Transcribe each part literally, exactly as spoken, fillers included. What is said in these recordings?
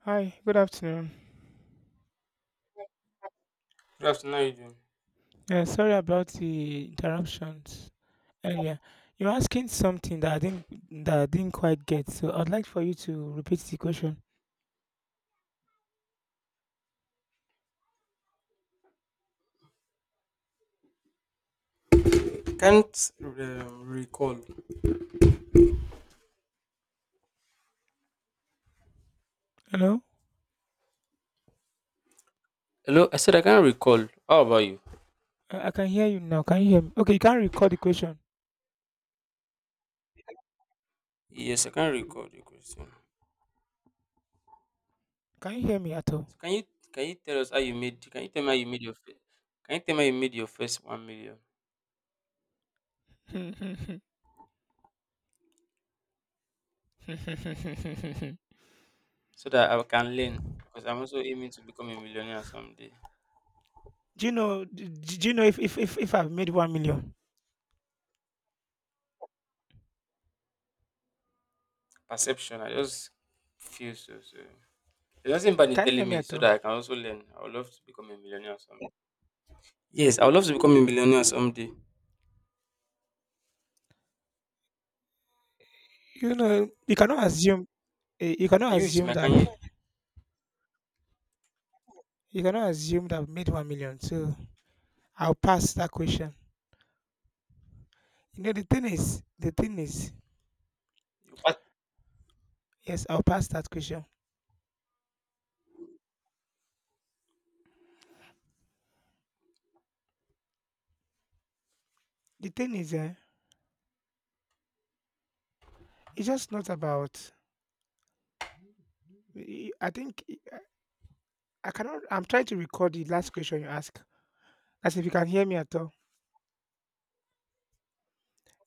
Hi, good afternoon. Good afternoon, how you Yeah, sorry about the interruptions earlier. You're asking something that I didn't that I didn't quite get, so I'd like for you to repeat the question. can't um, recall. Hello? Hello, I said I can't uh, recall. How about you? I, I can hear you now. Can you hear me? Okay, you can't record the question. Yes, I can't recall the question. Can you hear me at all? So can you can you tell us how you made can you tell me how you made your first can you tell me how you made your first one million so that I can learn because I'm also aiming to become a millionaire someday. do you know do, do you know if, if if if I've made one million? Perception, I just feel so so. There's nothing bad in Can you hear telling me me at so all? that I can also learn. I would love to become a millionaire someday. Yes, I would love to become a millionaire someday. You know, you cannot assume eh, you cannot Are you with assume me? that Can you? you cannot assume that I've made one million. So I'll pass that question. You know, the thing is, the thing is You part- yes, I'll pass that question. The thing is, eh, it's just not about. I think I cannot. I'm trying to record the last question you asked. As if you can hear me at all.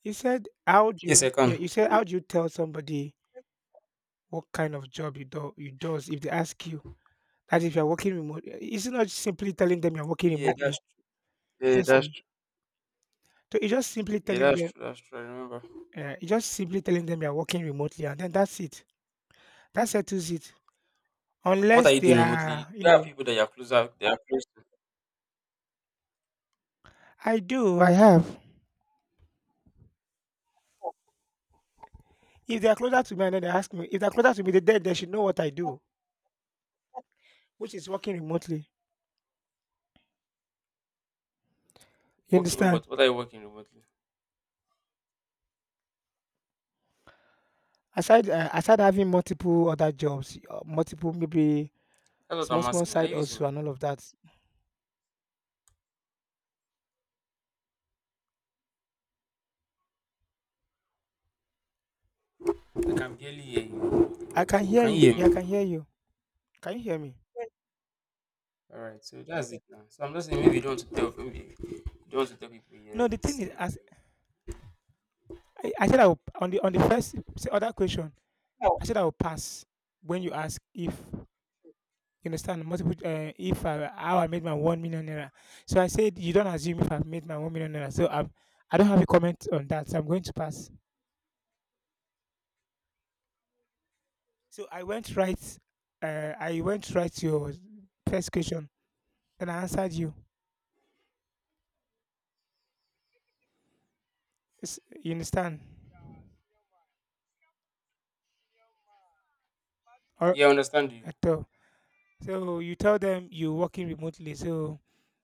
You said, "How do yes, you?" I Yeah, can. you said, "How do you tell somebody what kind of job you do you does, if they ask you that, if you're working remotely?" It's not simply telling them you're working Yeah, remotely. that's yeah, Yes. that's No. So it's just simply yeah, telling that's them. true. That's true. I remember. Uh, you just simply telling them you're working remotely, and then that's it. That settles it. What are Unless you they doing remotely? are, you There are know… people that you're closer, they are close to. I do. I have. If they are closer to me and then they ask me, if they're closer to me, they're dead, they should know what I do, which is working remotely. You Working understand? what? What are you working remotely? Aside, uh, aside having multiple other jobs, uh, multiple, maybe That's what small, I'm small asking. Are side you with me? also and all of that. I can barely hear you. I can hear Can you. you hear Yeah, I me? can hear you. Can you hear me? All right. So that's it now. So I'm just saying maybe you don't want to tell maybe you don't want to tell people No, yet. the thing is, Mm. as I, I said, I will, on the on the first s- other question, I said I will pass when you ask if you understand multiple, uh, if I, how I made my one million naira. So I said you don't assume if I've made my one million naira. So I'm, I don't have a comment on that. So I'm going to pass. So I went right. Uh, I went right to your first question, and I answered you. It's- you understand? Or Yeah, I understand you. at all. So you tell them you're working remotely. So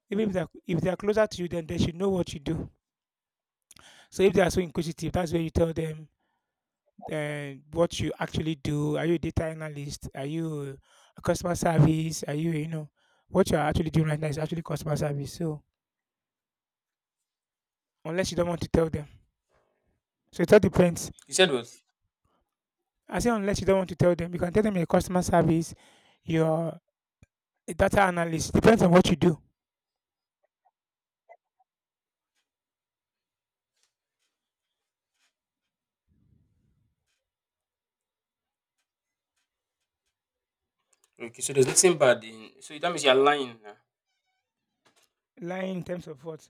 even if they're, if they're closer to you, then they should know what you do. So if they are so inquisitive, that's where you tell them uh, what you actually do. Are you a data analyst? Are you a customer service? Are you You know what you are actually doing right now is actually customer service. So unless you don't want to tell them, so it all depends. You said what? I say unless you don't want to tell them, you can tell them your customer service, your data analyst, depends on what you do. Okay. So there's nothing bad in. So that means you're lying now. Lying in terms of what?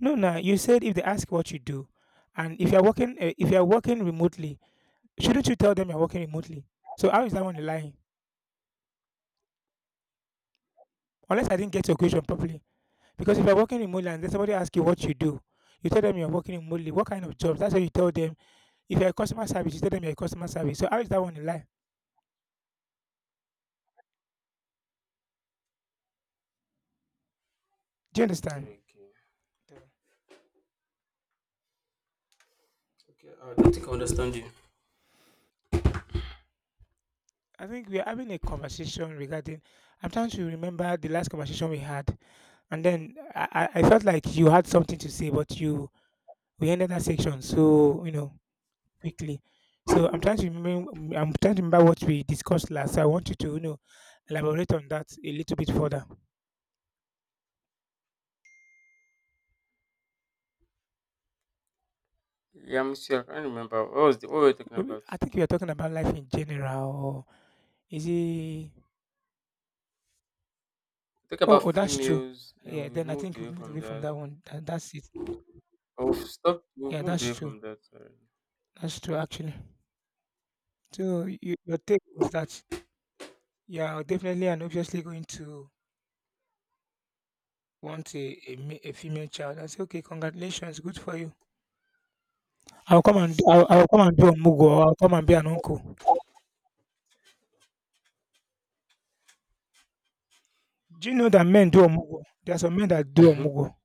No, no. You said if they ask what you do, and if you're working, uh, if you're working remotely, shouldn't you tell them you're working remotely? So how is that one lying? Unless I didn't get your question properly, because if you're working remotely and then somebody asks you what you do, you tell them you're working remotely. What kind of jobs? That's what you tell them. If you're a customer service, you tell them you're a customer service. So how is that one a lie? Do you understand? Okay. Okay. I don't think I understand you. I think we are having a conversation regarding… I'm trying to remember the last conversation we had, and then I, I I felt like you had something to say, but you we ended that section so you know quickly. So I'm trying to remember. I'm trying to remember what we discussed last. So I want you to you know elaborate on that a little bit further. Yeah, I'm sure. I can't remember. What was the what were we talking We- about? I think we are talking about life in general. Or is it? We talk Oh, about oh, that's true. females. Then Yeah. we Then I moved think we away moved from away from that. that one. That, that's it. Oh, stop! Have we've Yeah, moved that's away from true. that already. That's true. Actually. So, you, your take was that, yeah, I'll definitely and obviously going to want a, a, ma- a female child. I say, okay, congratulations, good for you. I'll come and I'll, I'll come and do omugo, or I'll come and be an uncle. Do you know that men do omugo? There are some men that do Mhm. omugo.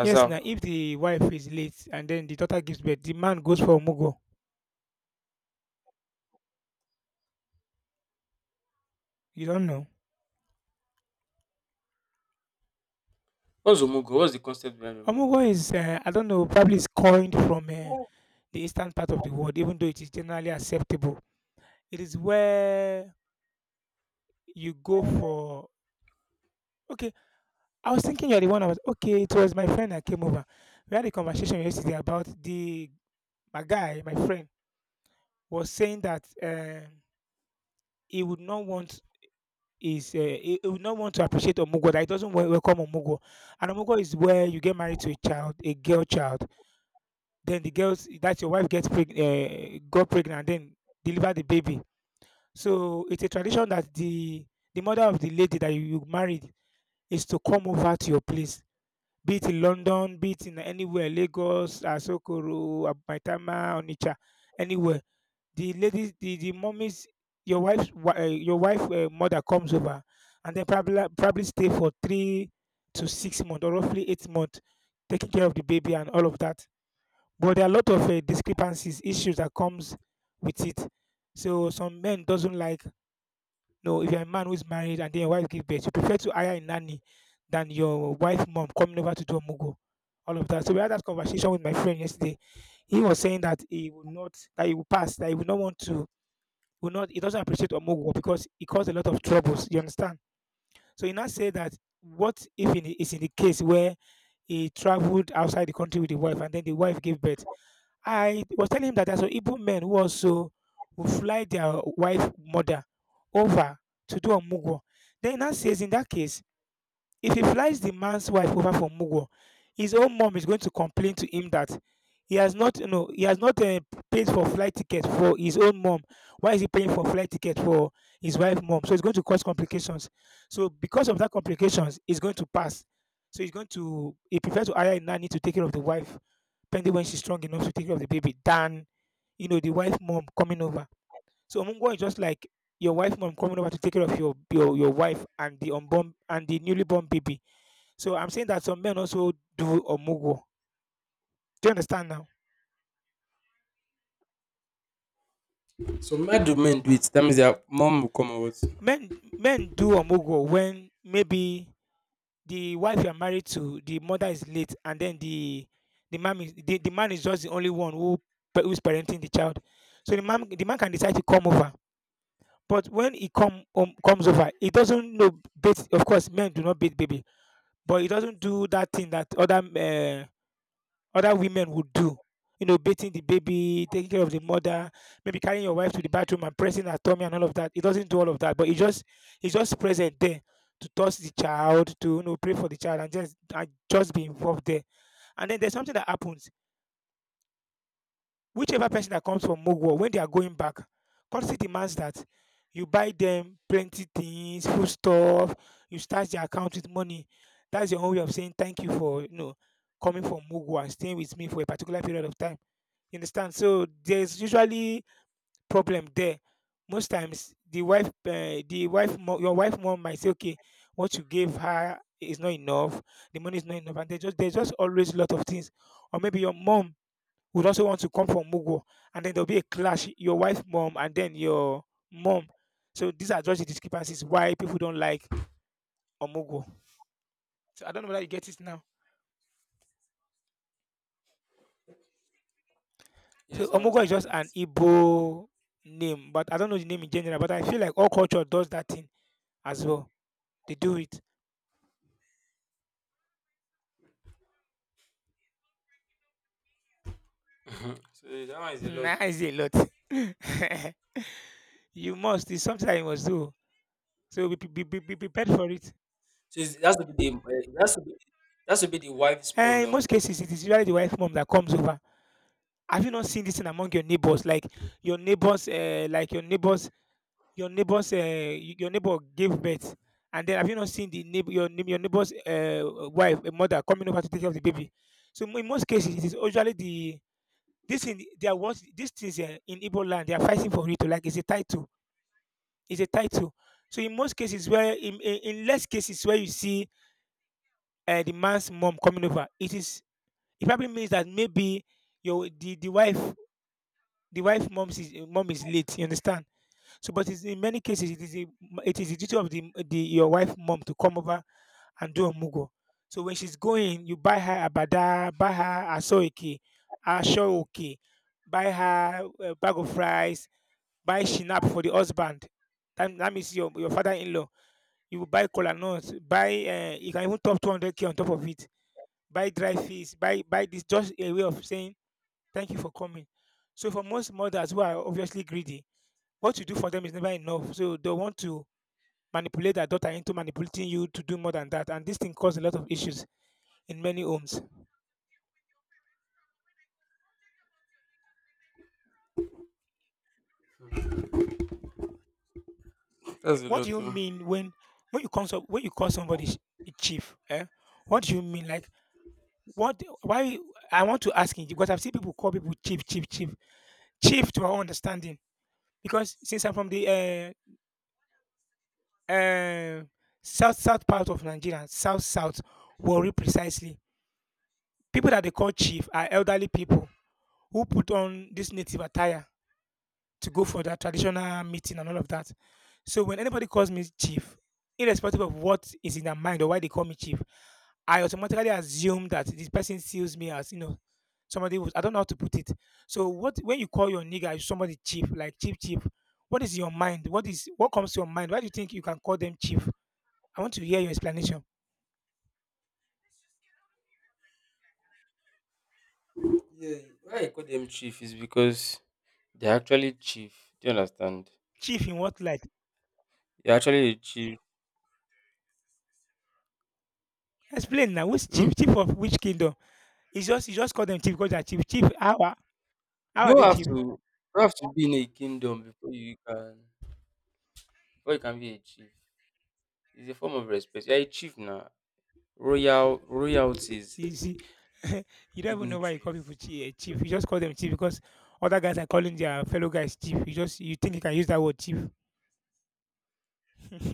Yes, now if the wife is late and then the daughter gives birth, the man goes for omugo. You don't know. What's Omugo? What's the concept behind Omugo? Omugo is, uh, I don't know, probably is coined from, uh, the eastern part of the world, even though it is generally acceptable. It is where you go for… okay. I was thinking you're the one I was… okay, it was my friend that came over. We had a conversation yesterday about the my guy, my friend, was saying that, um, he would not want is, uh, he, he would not want to appreciate Omugo, that he doesn't wel- welcome Omugo. And Omugo is where you get married to a child, a girl child. Then the girls that your wife gets preg- uh, got pregnant and then deliver the baby. So it's a tradition that the the mother of the lady that you you married is to come over to your place. Be it in London, be it in anywhere, Lagos, Asokoro, Abaitama, Onitsha, anywhere. The ladies, the, the mommies, your wife's wi- uh, your wife, uh, mother comes over, and then probably probably stay for three to six months or roughly eight months, taking care of the baby and all of that. But there are a lot of, uh, discrepancies, issues that comes with it. So some men doesn't like… no, if you're a man who's married and then your wife gives birth, you prefer to hire a nanny than your wife mom coming over to do a mugo. All of that. So we had that conversation with my friend yesterday. He was saying that he would not that he would pass, that he would not want to, will not, he doesn't appreciate Omogo because it caused a lot of troubles. You understand? So he now said that what if in, is in the case where he traveled outside the country with the wife and then the wife gave birth? I was telling him that there's some Igbo men who also will fly their wife mother over to do a mugwo. Then he now says, in that case, if he flies the man's wife over for Mugwo, his own mom is going to complain to him that he has not, you know, he has not uh, paid for flight ticket for his own mom. Why is he paying for flight ticket for his wife mom? So it's going to cause complications. So because of that complications, it's going to pass. So he's going to he prefers to hire a nanny to take care of the wife, pending when she's strong enough to take care of the baby, than you know the wife mom coming over. So Mungwa is just like your wife mom coming over to take care of your your, your wife and the unborn and the newly born baby. So I'm saying that some men also do omugo. Do you understand now? So mad do men do it. That means their mom will come out. Men men do omugo when maybe the wife you are married to, the mother is late, and then the the man is the, the man is just the only one who pa- who's parenting the child. So the man the man can decide to come over. But when he come um, comes over, he doesn't know bait. Of course, men do not beat baby, but he doesn't do that thing that other uh, other women would do. You know, bathing the baby, taking care of the mother, maybe carrying your wife to the bathroom and pressing her tummy and all of that. It doesn't do all of that, but it just it's just present there, to touch the child, to, you know, pray for the child, and just and just be involved there. And then there's something that happens. Whichever person that comes from Mogwa, when they are going back, courtesy demands that you buy them plenty things, food stuff, you start their account with money. That's your own way of saying thank you for you know coming from Mogwa and staying with me for a particular period of time. You understand? So there's usually problem there. Most times, the wife, uh, the wife, mo- your wife mom might say, "Okay, what you gave her is not enough. The money is not enough," and they just there's just always a lot of things. Or maybe your mom would also want to come from Mugo, and then there'll be a clash. Your wife mom and then your mom. So these are just the discrepancies why people don't like Omugo. So I don't know whether you get it now. So Yes, I Omugo is understand just an it. Igbo name, but I don't know the name in general. But I feel like all culture does that thing as well. They do it. Mhm. So that one is a lot. Nah, Oh. is a lot. You must. It's something that you must do. So be, be, be, be prepared for it. So it's, that's to be the uh, that's to be that's to be the wife's mom And that in will most come. cases, it is usually the wife mom that comes over. Have you not seen this thing among your neighbors? Like your neighbors, uh, like your neighbors, your neighbors, uh, y- your neighbor gave birth, and then have you not seen the neighbor, your neigh- your neighbor's uh, wife, a mother coming over to take care of the baby? So mo- in most cases, it is usually the this thing. They are what these things uh, in Igbo land they are fighting for it. Oh, like it's a title. It's a title. So in most cases, where in, in, in less cases where you see uh, the man's mom coming over, it is it probably means that maybe your the, the wife the wife mom's is, mom is late. You understand? So, but it's, in many cases, it is a it is the duty of the, the your wife mom to come over and do a mugo. So when she's going, you buy her abada, buy her asoiki, ashoiki, buy her a bag of rice, buy shinap for the husband. That, that means your, your father-in-law. You will buy cola nut, buy um you can even top two hundred k on top of it, buy dry fish, buy buy this, just a way of saying thank you for coming. So for most mothers who are obviously greedy, what you do for them is never enough. So they want to manipulate their daughter into manipulating you to do more than that, and this thing causes a lot of issues in many homes. That's a What do lot. you Oh. mean when when you call some, when you call somebody sh- a chief? Eh? What do you mean? Like what? Why? I want to ask you because I've seen people call people chief, chief, chief, chief. To our understanding, because since I'm from the uh, uh, south south part of Nigeria, south south, Warri precisely. People that they call chief are elderly people who put on this native attire to go for that traditional meeting and all of that. So when anybody calls me chief, irrespective of what is in their mind or why they call me chief, I automatically assume that this person sees me as you know somebody who's I don't know how to put it. So what when you call your nigga somebody chief like chief chief, what is your mind? What is what comes to your mind? Why do you think you can call them chief? I want to hear your explanation. Yeah. Why I call them chief is because they're actually chief. Do you understand? Chief in what light? You're actually a chief. Explain now. Who's Hmm? chief? Chief of which kingdom? It's just you just call them chief because they're chief. Chief, how are how You are don't they have chief? to you don't have to be in a kingdom before you can before you can be a chief. It's a form of respect. You're a chief now. Royal royalties, You see, you don't even know why you call people dignitaries. chi- eh, chief. You just call them chief because other guys are calling their fellow guys chief. You just you think you can use that word chief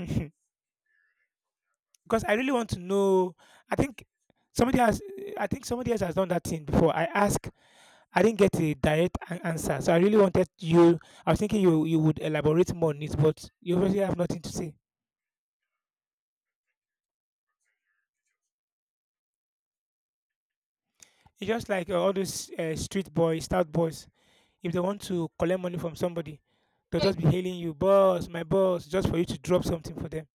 because I really want to know. I think somebody has. I think somebody else has done that thing before. I asked. I didn't get a direct an- answer, so I really wanted you. I was thinking you you would elaborate more on it, but you obviously have nothing to say. It's just like uh, all those uh, street boys, stout boys. If they want to collect money from somebody, they'll just be hailing you, boss, my boss, just for you to drop something for them.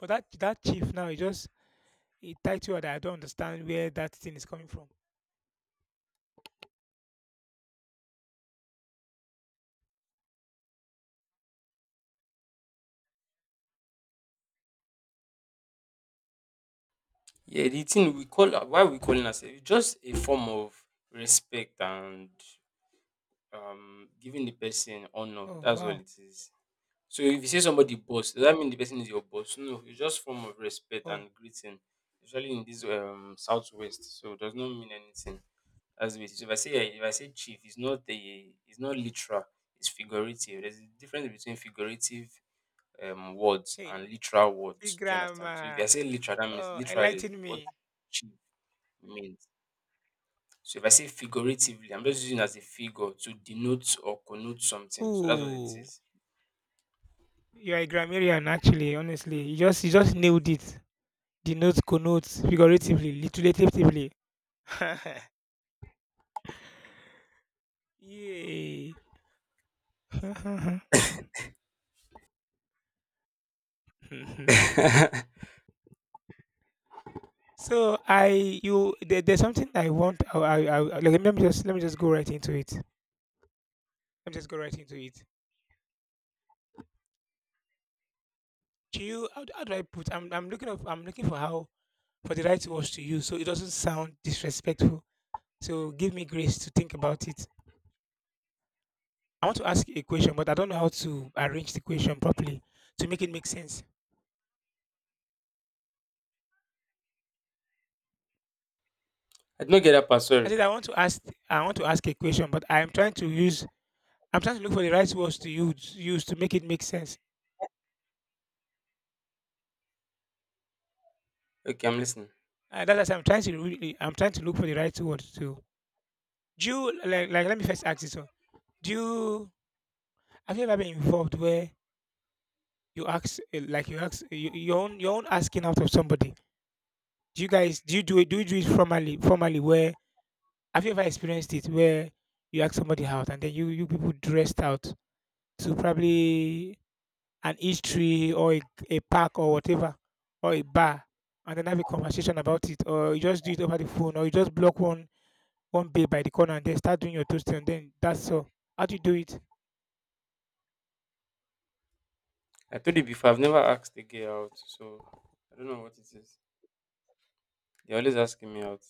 But that that chief now, he just he tied you that I don't understand where that thing is coming from. Yeah, the thing we call why we calling ourselves it's just a form of respect and um giving the person honor. Oh That's all wow. it is. So if you say somebody boss, does that mean the person is your boss? No, it's just form of respect Oh and greeting. Usually in this um southwest, so it does not mean anything. That's the way it is. If I say yeah, if I say chief, it's not a it's not literal. It's figurative. There's a difference between figurative um, words hey, and literal see words. Do you understand? So if grandma. I say literal, that means Oh, literally enlighten what me. she means. So if I say figuratively, I'm just using as a figure to denote or connote something. So that's what it Ooh, is. you're a grammarian, actually. Honestly, you just you just nailed it. Denotes, connotes, figuratively, literatively. Yay. I so I you there, there's something I want. I, I, I I- like, let me just let me just go right into it. Let me just go right into it. Do you how, do- How do I put? I'm I'm looking up. I'm looking for how for the right words to use so it doesn't sound disrespectful. So give me grace to think about it. I want to ask you a question, but I don't know how to arrange the question properly to make it make sense. did not get that part, I sorry. said I want to ask I want to ask a question, but I'm trying to use I'm trying to look for the right words to use use to make it make sense. Okay, I'm listening. Uh, that's I'm trying to really really, I'm trying to look for the right words to. Do you like like Let me first ask this one. Do you Have you ever been involved where you ask uh, like you ask, you, your own your own asking out of somebody? Do you guys do you do it do you do it formally formally where have you ever experienced it where you ask somebody out and then you you people dressed out to probably an eatery or a, a park or whatever or a bar and then have a conversation about it, or you just do it over the phone, or you just block one one bay by the corner and then start doing your toasting and then that's all. How do you do it? I told you before, I've never asked a girl out, so I don't know what it is. They're always asking me out.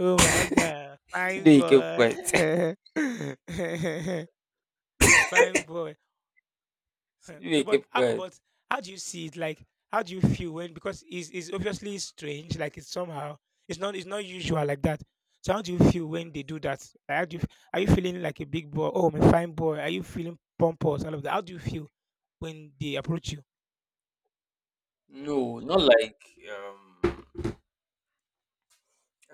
Oh my god, fine Today he kept quiet. boy. Fine boy. Today so, he but kept uh, quiet. but how do you see it? Like, how do you feel when, because it's, it's obviously strange. Like, it's somehow it's not it's not usual like that. So, how do you feel when they do that? Like, how do you, f- are you feeling like a big boy? Oh, I'm a fine boy. Are you feeling pompous? All of that. How do you feel when they approach you? No, not like um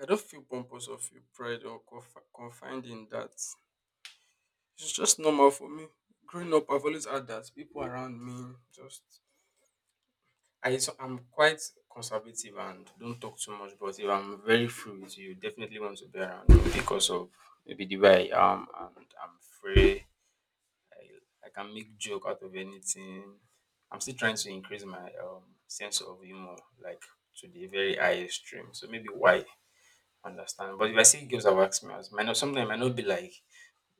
I don't feel pompous or feel pride or conf- confined in that. It's just normal for me. Growing up, I've always had that people around me just. I so I'm quite conservative and don't talk too much. But if I'm very free with you, definitely want to be around me because of maybe the way I am and I'm free. I, I can make joke out of anything. I'm still trying to increase my um, sense of humor, like to the very high extreme. So maybe why understand. But if I see girls that ask me, I might not sometimes I might not be like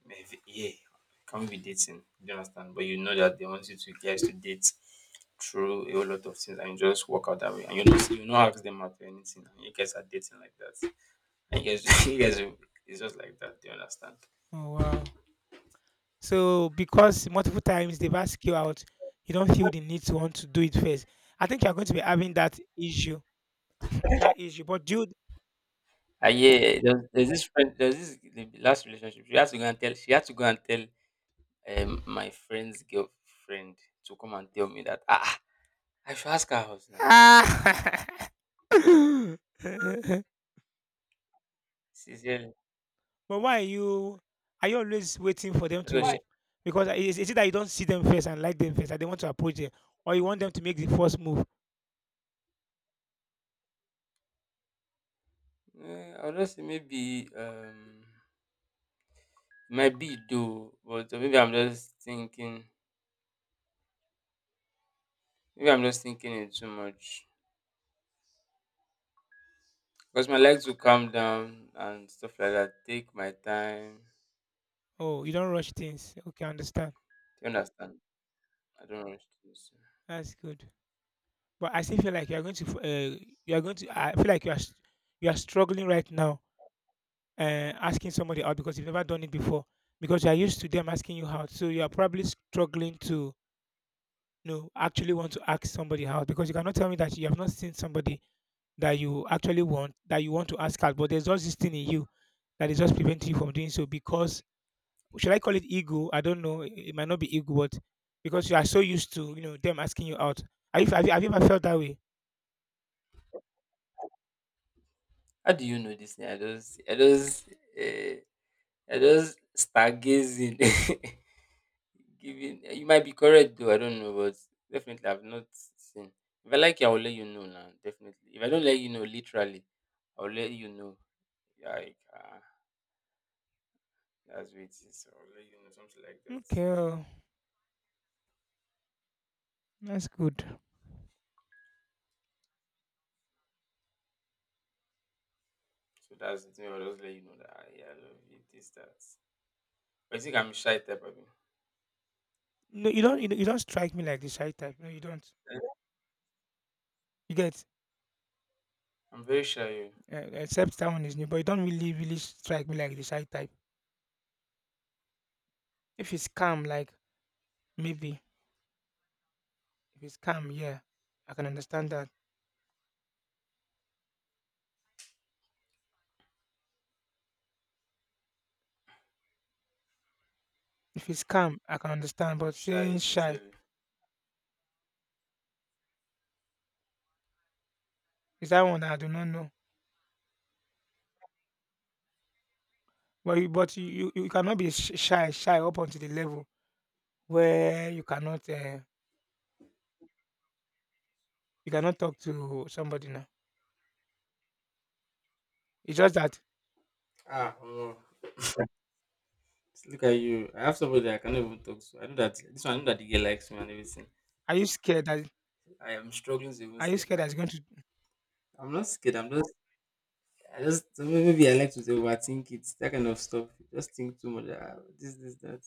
but if, yeah, can we be dating. Do you understand? But you know that they want you to guys to date through a whole lot of things and you just work out that way. And you don't you not ask them out or anything. And you guys are dating like that. And you guys you guys will- it's just like that, do you understand? Oh wow! So because multiple times they've asked you out, you don't feel the need to want to do it first. I think you're going to be having that issue. That issue, but dude. And yeah, there's, there's this friend. There's this the last relationship. She had to go and tell. She had to go and tell um my friend's girlfriend to come and tell me that ah I should ask her out now. Sincerely, But why are you are you always waiting for them so why? to, because is, is it that you don't see them first and like them first and they want to approach them, or you want them to make the first move? She, eh, I don't say maybe um. Might be though, but maybe I'm just thinking. Maybe I'm just thinking it too much. Because my legs will calm down and stuff like that. Take my time. Oh, you don't rush things. Okay, I understand. Do you understand? I don't rush That's good. But I still feel like you are going to f- uh, you are going to I feel like you are s- you are struggling right now, uh, asking somebody out because you've never done it before, because you are used to them asking you out. So you are probably struggling to, you know, actually want to ask somebody out, because you cannot tell me that you have not seen somebody that you actually want, that you want to ask out, but there's just this thing in you that is just preventing you from doing so because, should I call it ego? I don't know. It it might not be ego, but because you are so used to you know them asking you out. Have you, have you, have you ever felt that way? how do you know this thing? I just, I just, uh, I just stargazing. Giving. You might be correct though. I don't know, but definitely I've not seen. If I like you, I will let you know now. Definitely. If I don't let you know, literally, I'll let you know. Like. uh, That's what it is. I'll let you know something like that. So Okay, oh, that's good. that's the thing. I'll just let you know that ah, yeah, I love you. This that. But you think I'm shy type of thing? No, you don't. You, don't- you don't strike me like the shy type. No, you don't. You get I'm very shy. Oh. Uh, except that one is new, but you don't really really strike me like the shy type. If it's calm, like maybe if it's calm, yeah, I can understand that. If it's calm, I can understand. I'm But shy. saying Oh, shy, sincerely. is that one that I do not know. But you but you you you cannot be sh shy shy up until the level where you cannot, eh, you cannot talk to somebody now. It's just that, Ah, omo, look at you. I have somebody I cannot even talk to. I know that this one, I know that the girl likes me and everything. are you scared that I am struggling to even are you say. scared that Like, it's going to, you I'm not scared. I'm just, I just maybe I like to overthink it, that kind of stuff. Just think too much. Ah, this, this, that.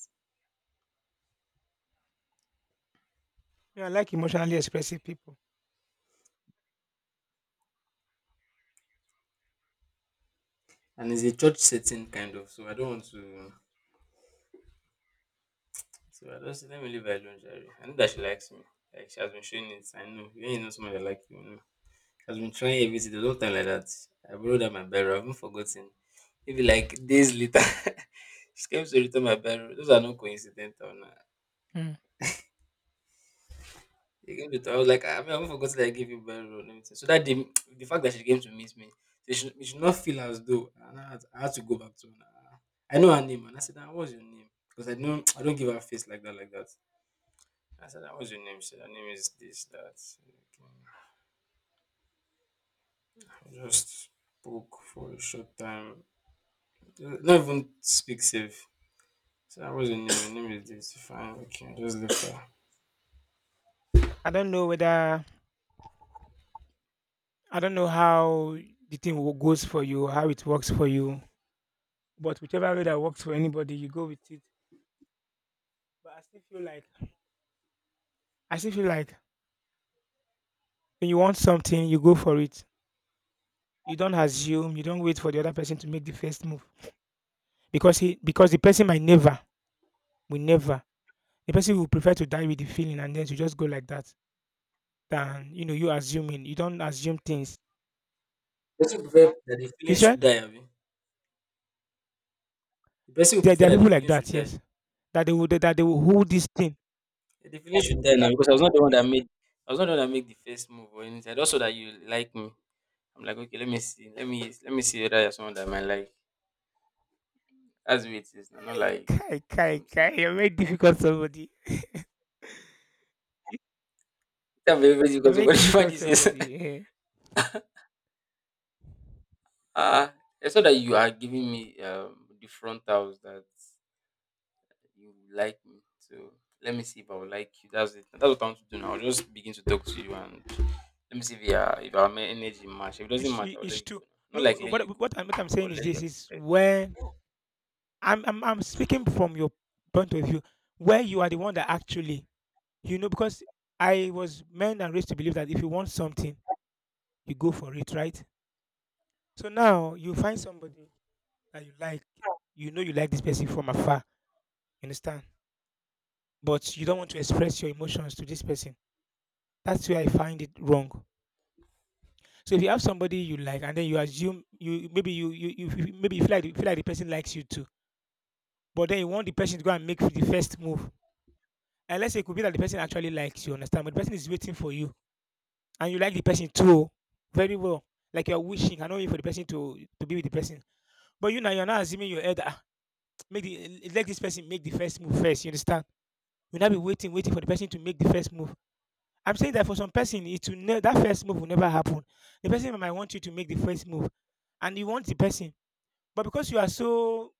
know, I like emotionally expressive people. And it's a church setting kind of, so I don't want to. So I just let me leave her alone, Jerry. I know that she likes me. Like she has been showing it. I know. When you ain't know someone that like you, you know. She has been trying everything the whole time like that. I borrowed her my barrel. I haven't forgotten. Maybe like days later, she came to return my barrel. Those are not coincidental. Nah. Mm. She came to return. I was like, I mean, I haven't forgotten that I gave you barrel and everything. So that day, the fact that she came to meet me, she should, she should not feel as though I, had, I had to go back to her. Nah. I know her name, and I said, nah, "What's your name?" Because I don't, I don't give her face like that, like that. I said, "What's your name?" She said, "Her name is this, that." Okay. I just spoke for a short time. Not even speak safe. So that was your name. Your name is this. Fine, okay. I just left her. I don't know whether I don't know how the thing wo goes for you, how it works for you, but whichever way that works for anybody, you go with it. But I still feel like I still feel like when you want something, you go for it. You don't assume, you don't wait for the other person to make the first move, because he because the person might never, will never, the person will prefer to die with the feeling and then to just go like that, than, you know you assuming, you don't assume things. Person prefer that the You feeling should said die abi the person will there, prefer there are that the people like feeling should that, die yes, that they will that they will hold this thing. eh, the feeling should die now because i was not the one that made I was not the one that made the first move or anything I just saw that you like me I'm like okay let me see let me let me see whether you're someone that I might like that's the way it is now not like Kai kai something kai, you you're very difficult somebody. can't be everybody You're because very somebody difficult somebody says somebody, eh. ah, I that you are giving me um the frontals that you like me. So let me see if I will like you. That's it. That's what I want to do now. I'll just begin to talk to you and let me see if yeah if our men- energy match. If it doesn't it's, match, it- I'll let it's you true. go. Now. Not like No, let what, you go. what, I'm, what i'm I'll saying is let you. this is when I'm I'm I'm speaking from your point of view, where you are the one that actually, you know, because I was meant and raised to believe that if you want something, you go for it, right? So now you find somebody that you like, you know, you like this person from afar, you understand, but you don't want to express your emotions to this person. That's where I find it wrong. So if you have somebody you like, and then you assume you maybe you you, you you- maybe you feel like you feel like the person likes you too, but then you want the person to go and make the first move. And let's say it could be that the person actually likes you, understand? But the person is waiting for you, and you like the person too, oh, very well. Like you're wishing, I know you for the person to to be with the person. But you now you're not assuming your head. "Ah, make the let this person make the first move first. You understand? You'll not be waiting, waiting for the person to make the first move. I'm saying that for some person, it will ne- that first move will never happen. The person might want you to make the first move, and you want the person, but because you are so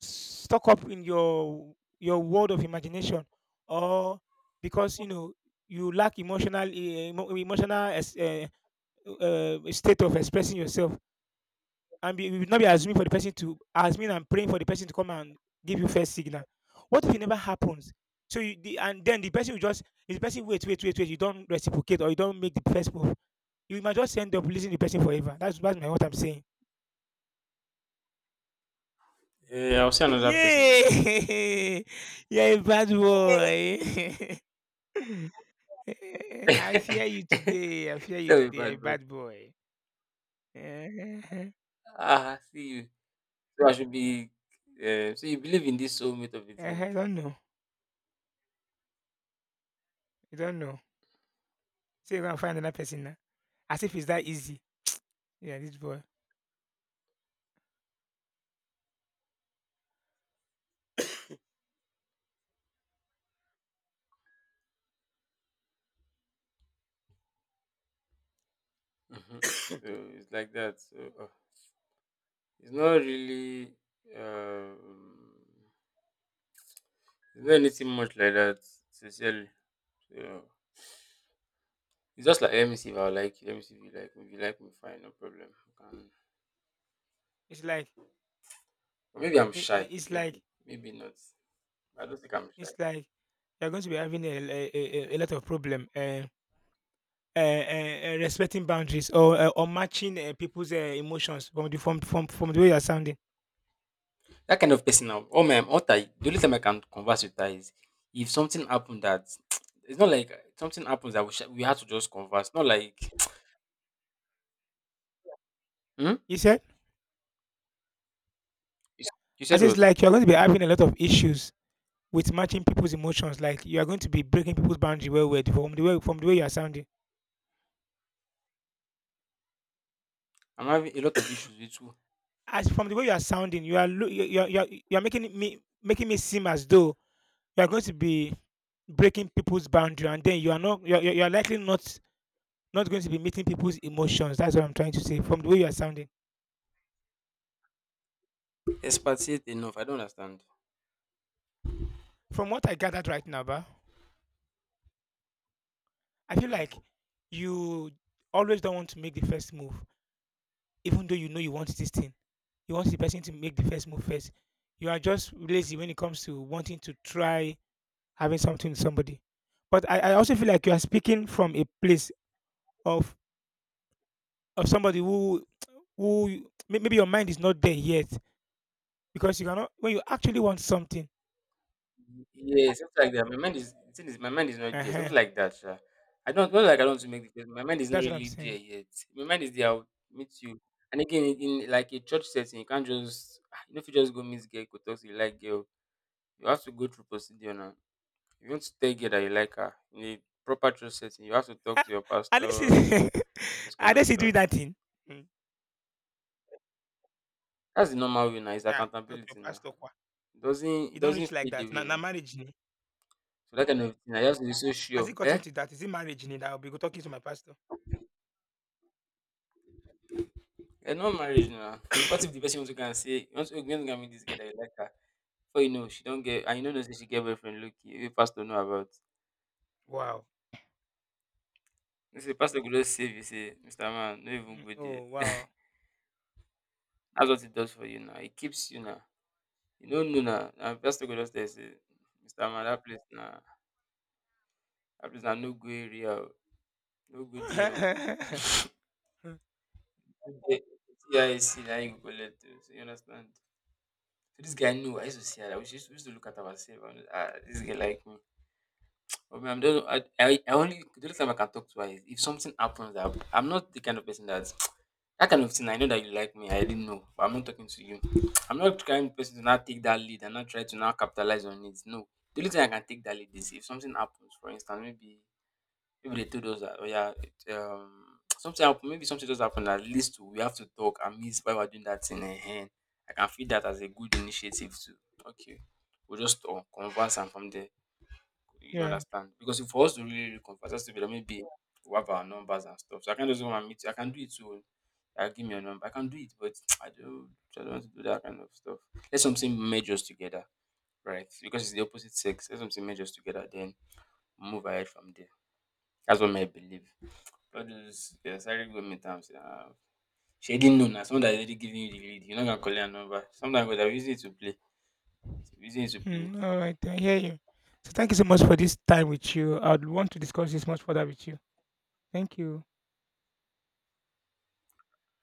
stuck up in your your world of imagination or because you know you lack emotional eh, emo- emotional es- eh, uh, state of expressing yourself and be, you will not be assuming for the person to assuming and praying for the person to come and give you first signal. What if it never happens? So you the, and then the person will just, if the person wait wait wait wait, you don't reciprocate or you don't make the first move, you might just end up losing the person forever. That's that's my, what I'm saying. Yeah, I'll see another person now. Yeah. You're a bad boy. I fear you today. I fear you Tell me, today. A bad boy. bad boy. Eh, Ah, see you. So I should be. Uh, so you believe in this soulmate of a thing. eh, I don't know. I don't know. So you gonna find another person now. As if it's that easy. Yeah, this boy. Mhm. So it's like that. So. uh, It's not really um it's not anything much like that, sincerely. So it's just like let me see if I like you, let me see if you like me. If you like me, fine, no problem. Um, It's like, or maybe I'm i- shy, i- it's maybe like, maybe not. I don't think I'm shy. it's like you're going to be having a, a, a, a lot of problem. Uh, uh, uh, uh, respecting boundaries or uh, or matching uh, people's uh, emotions from the from, from from the way you're sounding. That kind of person now. Oh my what I the only time I can converse with her is if something happened that it's not like something happens that we sh- we had to just converse. Not like hmm? He said, you, s- you I said said, it's what? like you're going to be having a lot of issues with matching people's emotions. Like you are going to be breaking people's boundary well with from the way from the way you are sounding. I'm having a lot of issues with you. As from the way you are sounding, you are lo- you you are, you are, you are making me making me seem as though you are going to be breaking people's boundary, and then you are not you are, you are you are likely not not going to be meeting people's emotions. That's what I'm trying to say. From the way you are sounding, Expatiate enough. I don't understand. from what I gathered right now, ba, I feel Hmm. like you always don't want to make the first move, even though you know you want this thing, you want the person to make the first move first. You are just lazy when it comes to wanting to try having something with somebody. But I, I also feel like you are speaking from a place of of somebody who who may- maybe your mind is not there yet because you cannot when you actually want something. Yeah, something like that. My mind is the thing is my mind is not there. Something Uh-huh, like that, sure. I don't not like I don't want to make the face. My mind is not that's what I'm really there saying. yet. My mind is there, I'll meet you. And again in, in like a church setting, you can't just ah, you know if you just go meet girl, go talk to you like girl. You have to go through procedure now. If you want to tell girl that you like her in a proper church setting, you have to talk Ah, to your unless pastor, you, this kind of unless you do stuff. that thing. Mm. That's the normal way now, it's Yeah, not your accountability now. pastor. Kwa. It doesn't it You don't reach doesn't like fade that. away Now, now. marriage. Ni. So that kind of thing, I just be so Has sure. it Eh? gotten to that? Is it marriage ni that I'll be go- talking to my pastor? Eh, not marriage now. What if the person also can say, you want to you want to meet this girl that you like her? Before you know, she don't get, and you don't know say she get boyfriend, look, you pastor know about. Wow. You say, pastor could just save you, say, mister Man, no even Mm. go there. Oh wow. That's what it does for you now. It keeps you now. You don't know now. And pastor could just tell you, say, mister Man, that place now, that place now, no go area, oh. No go there. Oh. Eh, see, I see, now you go let oh." So you understand? So this guy knew, I used to see her, we used to we used to look at her and say, ah, this girl like me. For me, I'm just, I, I, I only the only time I can talk to her is if something happens. I, I'm not the kind of person that that kind of thing. I know that you like me. I didn't know. But I'm not talking to you. I'm not the kind of person to now take that lead and not try to now capitalize on it. No, the only thing I can take that lead is if something happens. For instance, maybe maybe they told us that oh yeah, it, um, something happened. Maybe something just happened that leads to we have to talk and meet why we're doing that thing. And I can feel that as a good initiative too. Okay, we'll just talk, converse, and from there. You Yeah. understand? Because if for us to really reconfess, that's to be like maybe we have our numbers and stuff. So I can't just go and meet you. I can do it too. I give me your number. I can do it, but I don't, I don't want to do that kind of stuff. Let something merge us together, right? Because it's the opposite sex. Let something merge us together, then move ahead from there. That's what I believe. All those yeah, sorry government terms. Uh, she didn't know now. Someone that already giving you the lead. You're not gonna call her number. Sometimes we are using it to play. Using it to play. Mm, all right. I hear you. So thank you so much for this time with you. I'd want to discuss this much further with you. Thank you.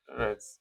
All right.